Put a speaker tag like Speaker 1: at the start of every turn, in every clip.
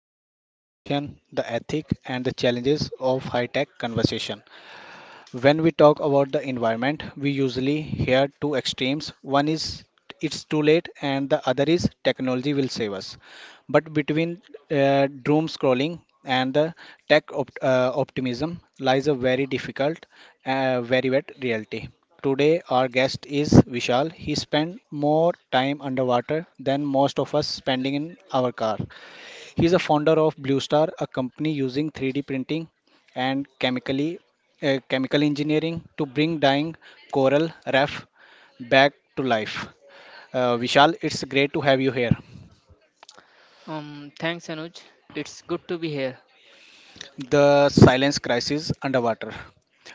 Speaker 1: engineer the ocean, the ethic, and the challenges of high tech conversation? When we talk about the environment, we usually hear two extremes. One is it's too late, and the other is technology will save us. But between doom scrolling and the optimism lies a very difficult, very wet reality. Today, our guest is Vishal. He spent more time underwater than most of us spending in our car. He is a founder of Blue Star, a company using 3D printing and chemical engineering to bring dying coral reef back to life. Vishal, it's great to have you here.
Speaker 2: Thanks, Anuj. It's good to be here.
Speaker 1: The silence crisis underwater.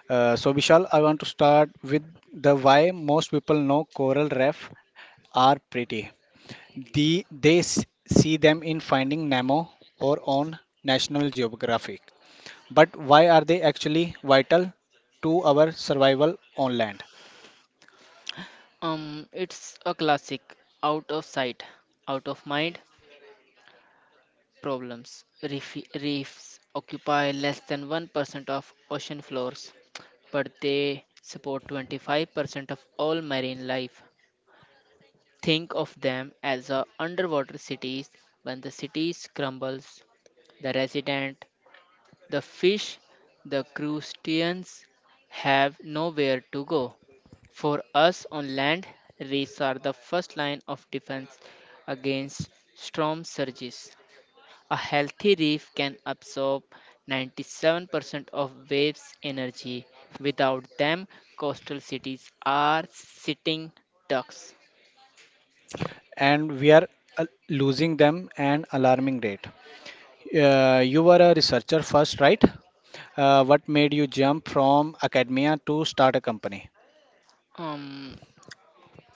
Speaker 1: Vishal, I want to start with the why. Most people know coral reef are pretty. They see them in Finding Nemo or on National Geographic. But why are they actually vital to our survival on land?
Speaker 2: It's a classic out of sight, out of mind problems. Reefs occupy less than 1% of ocean floors, but they support 25% of all marine life. Think of them as a underwater cities. When the cities crumbles, the resident The fish, the crustaceans, have nowhere to go. For us on land, reefs are the first line of defense against storm surges. A healthy reef can absorb 97% of waves energy. Without them, coastal cities are sitting ducks.
Speaker 1: And we are losing them at an alarming rate. You were a researcher first, right? What made you jump from academia to start a company?
Speaker 2: Um,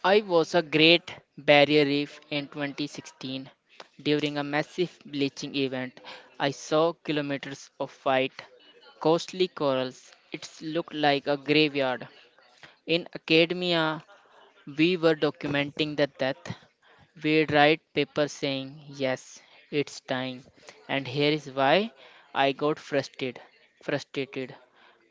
Speaker 2: I was a Great Barrier Reef in 2016. During a massive bleaching event, I saw kilometers of white, costly corals. It looked like a graveyard. In academia, we were documenting the death. We'd write papers saying, yes, it's dying. And here is why I got frustrated.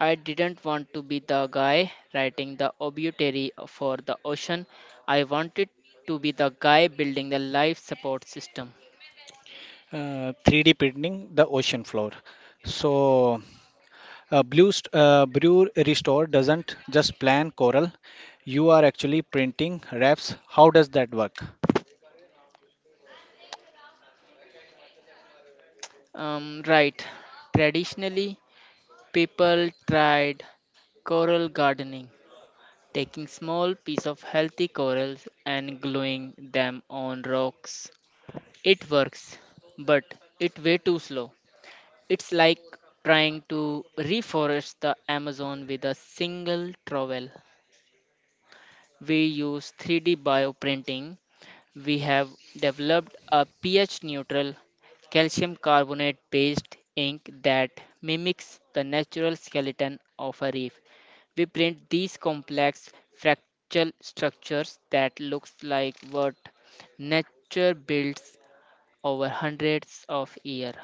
Speaker 2: I didn't want to be the guy writing the obituary for the ocean. I wanted to be the guy building the life support system.
Speaker 1: 3D printing the ocean floor. So, Brew Restore doesn't just plan coral, you are actually printing wraps. How does that work?
Speaker 2: Right. Traditionally, people tried coral gardening, taking small pieces of healthy corals and gluing them on rocks. It works, but it's way too slow. It's like trying to reforest the Amazon with a single trowel. We use 3D bioprinting. We have developed a pH neutral calcium carbonate based ink that mimics the natural skeleton of a reef. We print these complex fractal structures that looks like what nature builds over hundreds of years.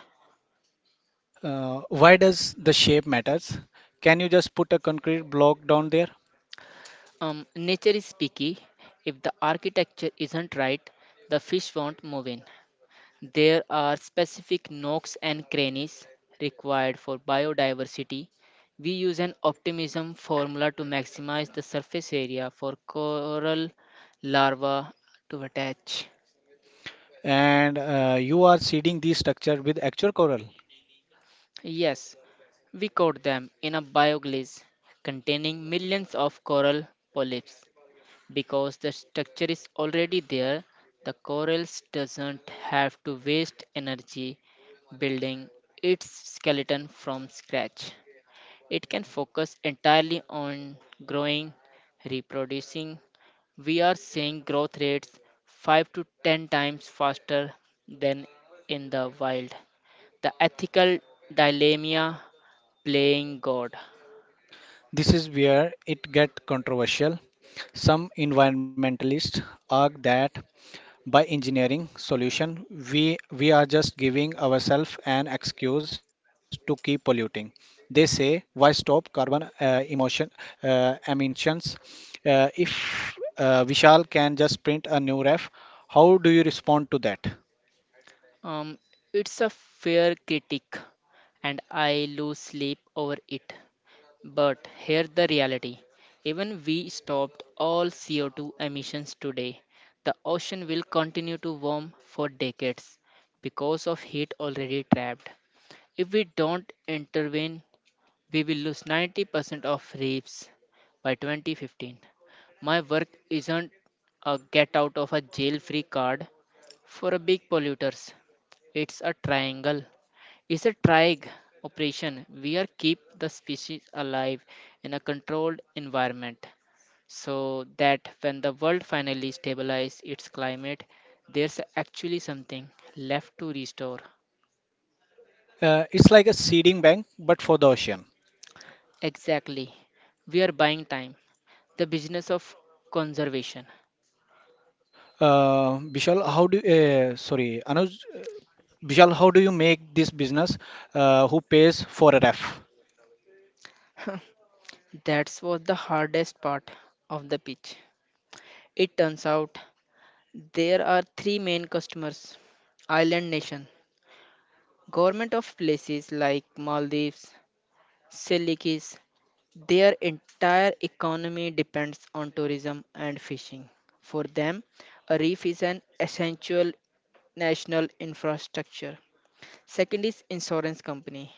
Speaker 1: Why does the shape matters? Can you just put a concrete block down there?
Speaker 2: Nature is picky. If the architecture isn't right, the fish won't move in. There are specific nooks and crannies required for biodiversity. We use an optimism formula to maximize the surface area for coral larvae to attach.
Speaker 1: And you are seeding the structure with actual coral.
Speaker 2: Yes, we caught them in a bioglaze containing millions of coral polyps. Because the structure is already there, the corals doesn't have to waste energy building its skeleton from scratch. It can focus entirely on growing, reproducing. We are seeing growth rates 5 to 10 times faster than in the wild. The ethical dilemma playing God.
Speaker 1: This is where it get controversial. Some environmentalists argue that by engineering solution we are just giving ourselves an excuse to keep polluting. They say, why stop carbon emotion emissions if vishal can just print a new ref? How do you respond to that?
Speaker 2: Um, it's a fair critic, and I lose sleep over it. But here's the reality, even we stopped all CO2 emissions today, the ocean will continue to warm for decades because of heat already trapped. If we don't intervene, we will lose 90% of reefs by 2015. My work isn't a get out of a jail free card for a big polluters, it's a triangle, is a trig operation. We are keep the species alive in a controlled environment so that when the world finally stabilizes its climate, there's actually something left to restore.
Speaker 1: It's like a seeding bank but for the ocean.
Speaker 2: Exactly. We are buying time. The business of conservation.
Speaker 1: uh, Vishal, how do uh, sorry, Anuj, Vishal, how do you make this business, who pays for a ref?
Speaker 2: That was the hardest part of the pitch. It turns out there are three main customers: island nation, government of places like Maldives, Selyukis, their entire economy depends on tourism and fishing. For them, a reef is an essential national infrastructure. Second is insurance company.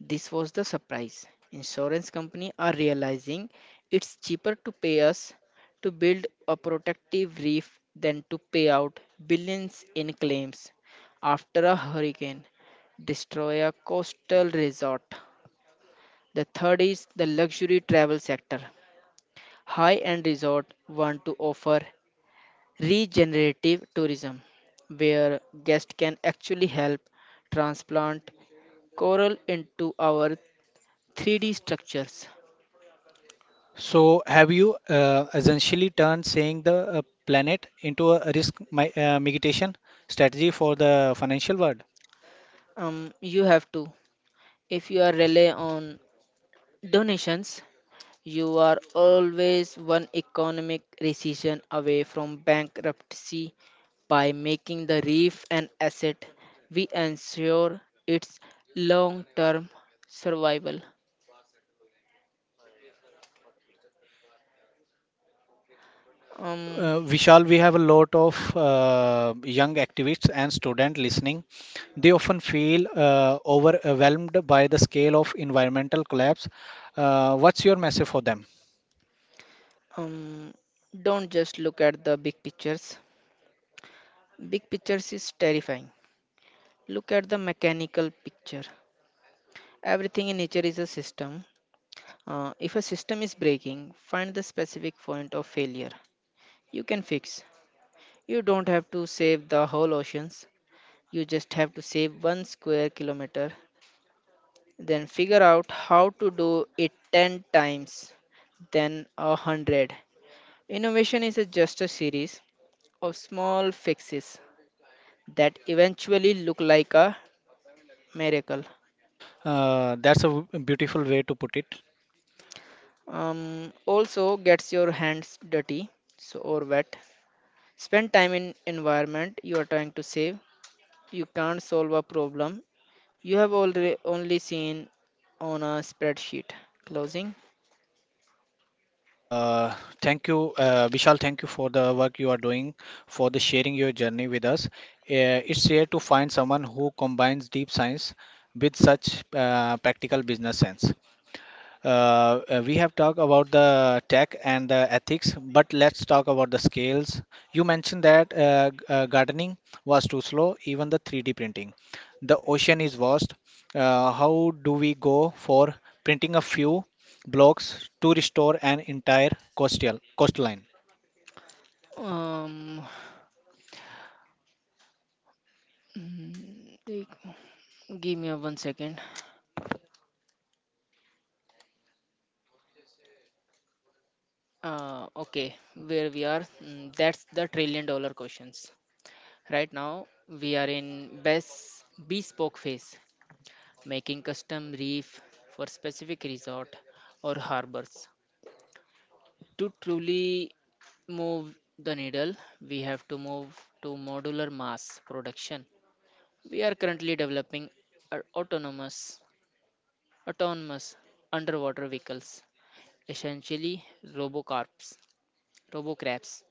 Speaker 2: This was the surprise. Insurance company are realizing it's cheaper to pay us to build a protective reef than to pay out billions in claims after a hurricane destroy a coastal resort. The third is the luxury travel sector. High end resort want to offer regenerative tourism where guests can actually help transplant coral into our 3D structures.
Speaker 1: So, have you essentially turned saying the planet into a risk mi mitigation strategy for the financial world?
Speaker 2: You have to, if you are rely on donations. You are always one economic recession away from bankruptcy. By making the reef an asset, we ensure its long term survival. Um,
Speaker 1: Vishal, we have a lot of young activists and students listening. They often feel overwhelmed by the scale of environmental collapse. What's your message for them?
Speaker 2: um, don't just look at the big pictures. Big pictures is terrifying. Look at the mechanical picture. Everything in nature is a system. If a system is breaking, find the specific point of failure you can fix. You don't have to save the whole oceans. You just have to save 1 square kilometer. Then figure out how to do it 10 times, then a 100. Innovation is a just a series of small fixes that eventually look like a miracle.
Speaker 1: That's a beautiful way to put it.
Speaker 2: Also gets your hands dirty, so, or wet. Spend time in environment you are trying to save. You can't solve a problem you have already only seen on a spreadsheet. Closing.
Speaker 1: Uh, Thank you, Vishal. Thank you for the work you are doing, for the sharing your journey with us. It's rare to find someone who combines deep science with such practical business sense. We have talked about the tech and the ethics, but let's talk about the scales. You mentioned that gardening was too slow, even the 3D printing. The ocean is vast. How do we go for printing a few blocks to restore an entire coastal coastline?
Speaker 2: Um, mm, take- Give me a 1 second. Okay, where we are? That's the trillion dollar questions. Right now, we are in best bespoke phase, making custom reef for specific resort or harbors. To truly move the needle, we have to move to modular mass production. We are currently developing our autonomous underwater vehicles, essentially robocarps, robocrabs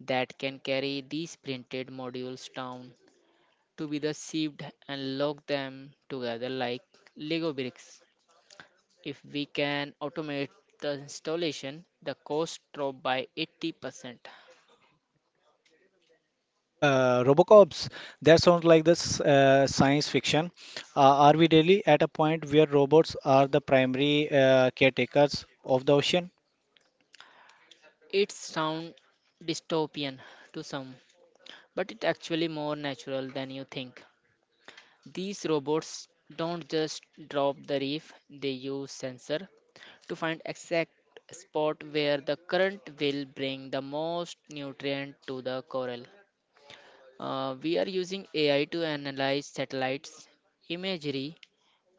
Speaker 2: that can carry these printed modules down to be the sieved and lock them together like Lego bricks. If we can automate the installation, the cost drop by 80%.
Speaker 1: Robocops, that sounds like this science fiction. Are we really at a point where robots are the primary caretakers of the ocean?
Speaker 2: It sounds dystopian to some, but it's actually more natural than you think. These robots don't just drop the reef, they use sensor to find exact spot where the current will bring the most nutrient to the coral. We are using AI to analyze satellites imagery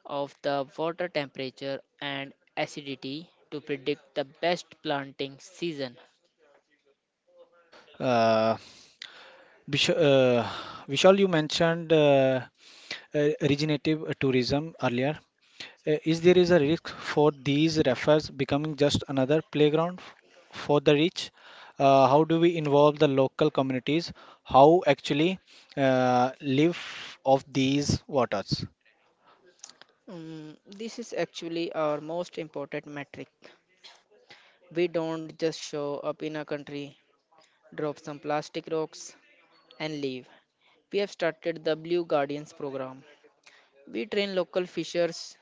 Speaker 2: of the water temperature and acidity to predict the best planting season.
Speaker 1: Uh, Vish- uh, Vishal, you mentioned regenerative tourism earlier. Is there is a risk for these refers becoming just another playground for the rich? How do we involve the local communities? How actually live off these waters?
Speaker 2: This is actually our most important metric. We don't just show up in a country, drop some plastic rocks, and leave. We have started the Blue Guardians program. We train local fishers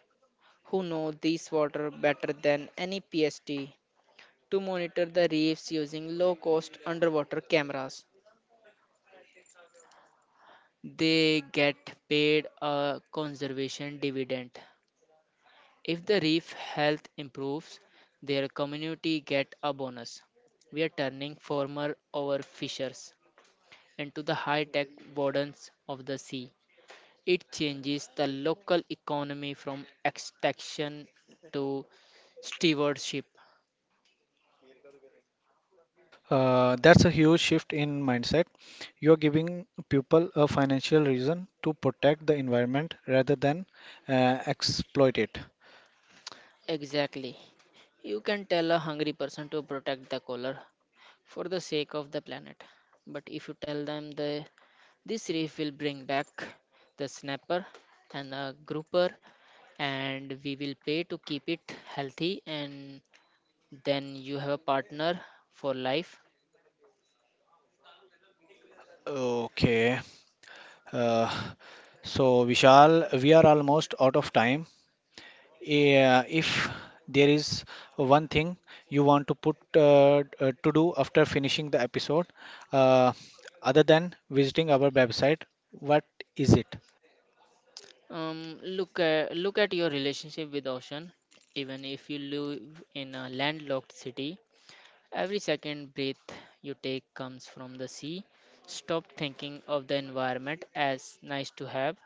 Speaker 2: who know this water better than any PST to monitor the reefs using low cost underwater cameras. They get paid a conservation dividend. If the reef health improves, their community get a bonus. We are turning former overfishers into the high-tech wardens of the sea. It changes the local economy from extraction to stewardship.
Speaker 1: That's a huge shift in mindset. You're giving people a financial reason to protect the environment rather than exploit it.
Speaker 2: Exactly. You can tell a hungry person to protect the color for the sake of the planet. But if you tell them the this reef will bring back the snapper and the grouper and we will pay to keep it healthy, and then you have a partner for life.
Speaker 1: Okay. Uh, So, Vishal, we are almost out of time. Yeah, if there is one thing you want to put to do after finishing the episode, uh, other than visiting our website, what is it?
Speaker 2: Look at your relationship with ocean. Even if you live in a landlocked city, every second breath you take comes from the sea. Stop thinking of the environment as nice to have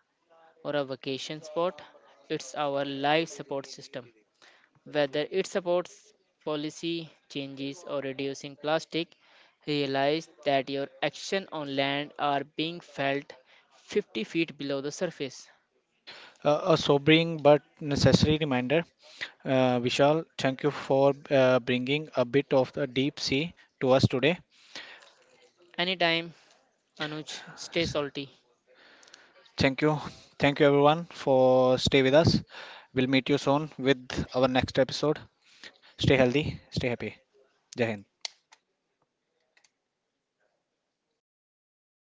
Speaker 2: or a vacation spot. It's our life support system. Whether it supports policy changes or reducing plastic, realize that your action on land are being felt 50 feet below the surface.
Speaker 1: A sobering but necessary reminder. Vishal, thank you for bringing a bit of the deep sea to us today.
Speaker 2: Anytime, Anuj. Stay salty.
Speaker 1: Thank you. Thank you everyone for stay with us. We'll meet you soon with our next episode. Stay healthy, stay happy. Jahit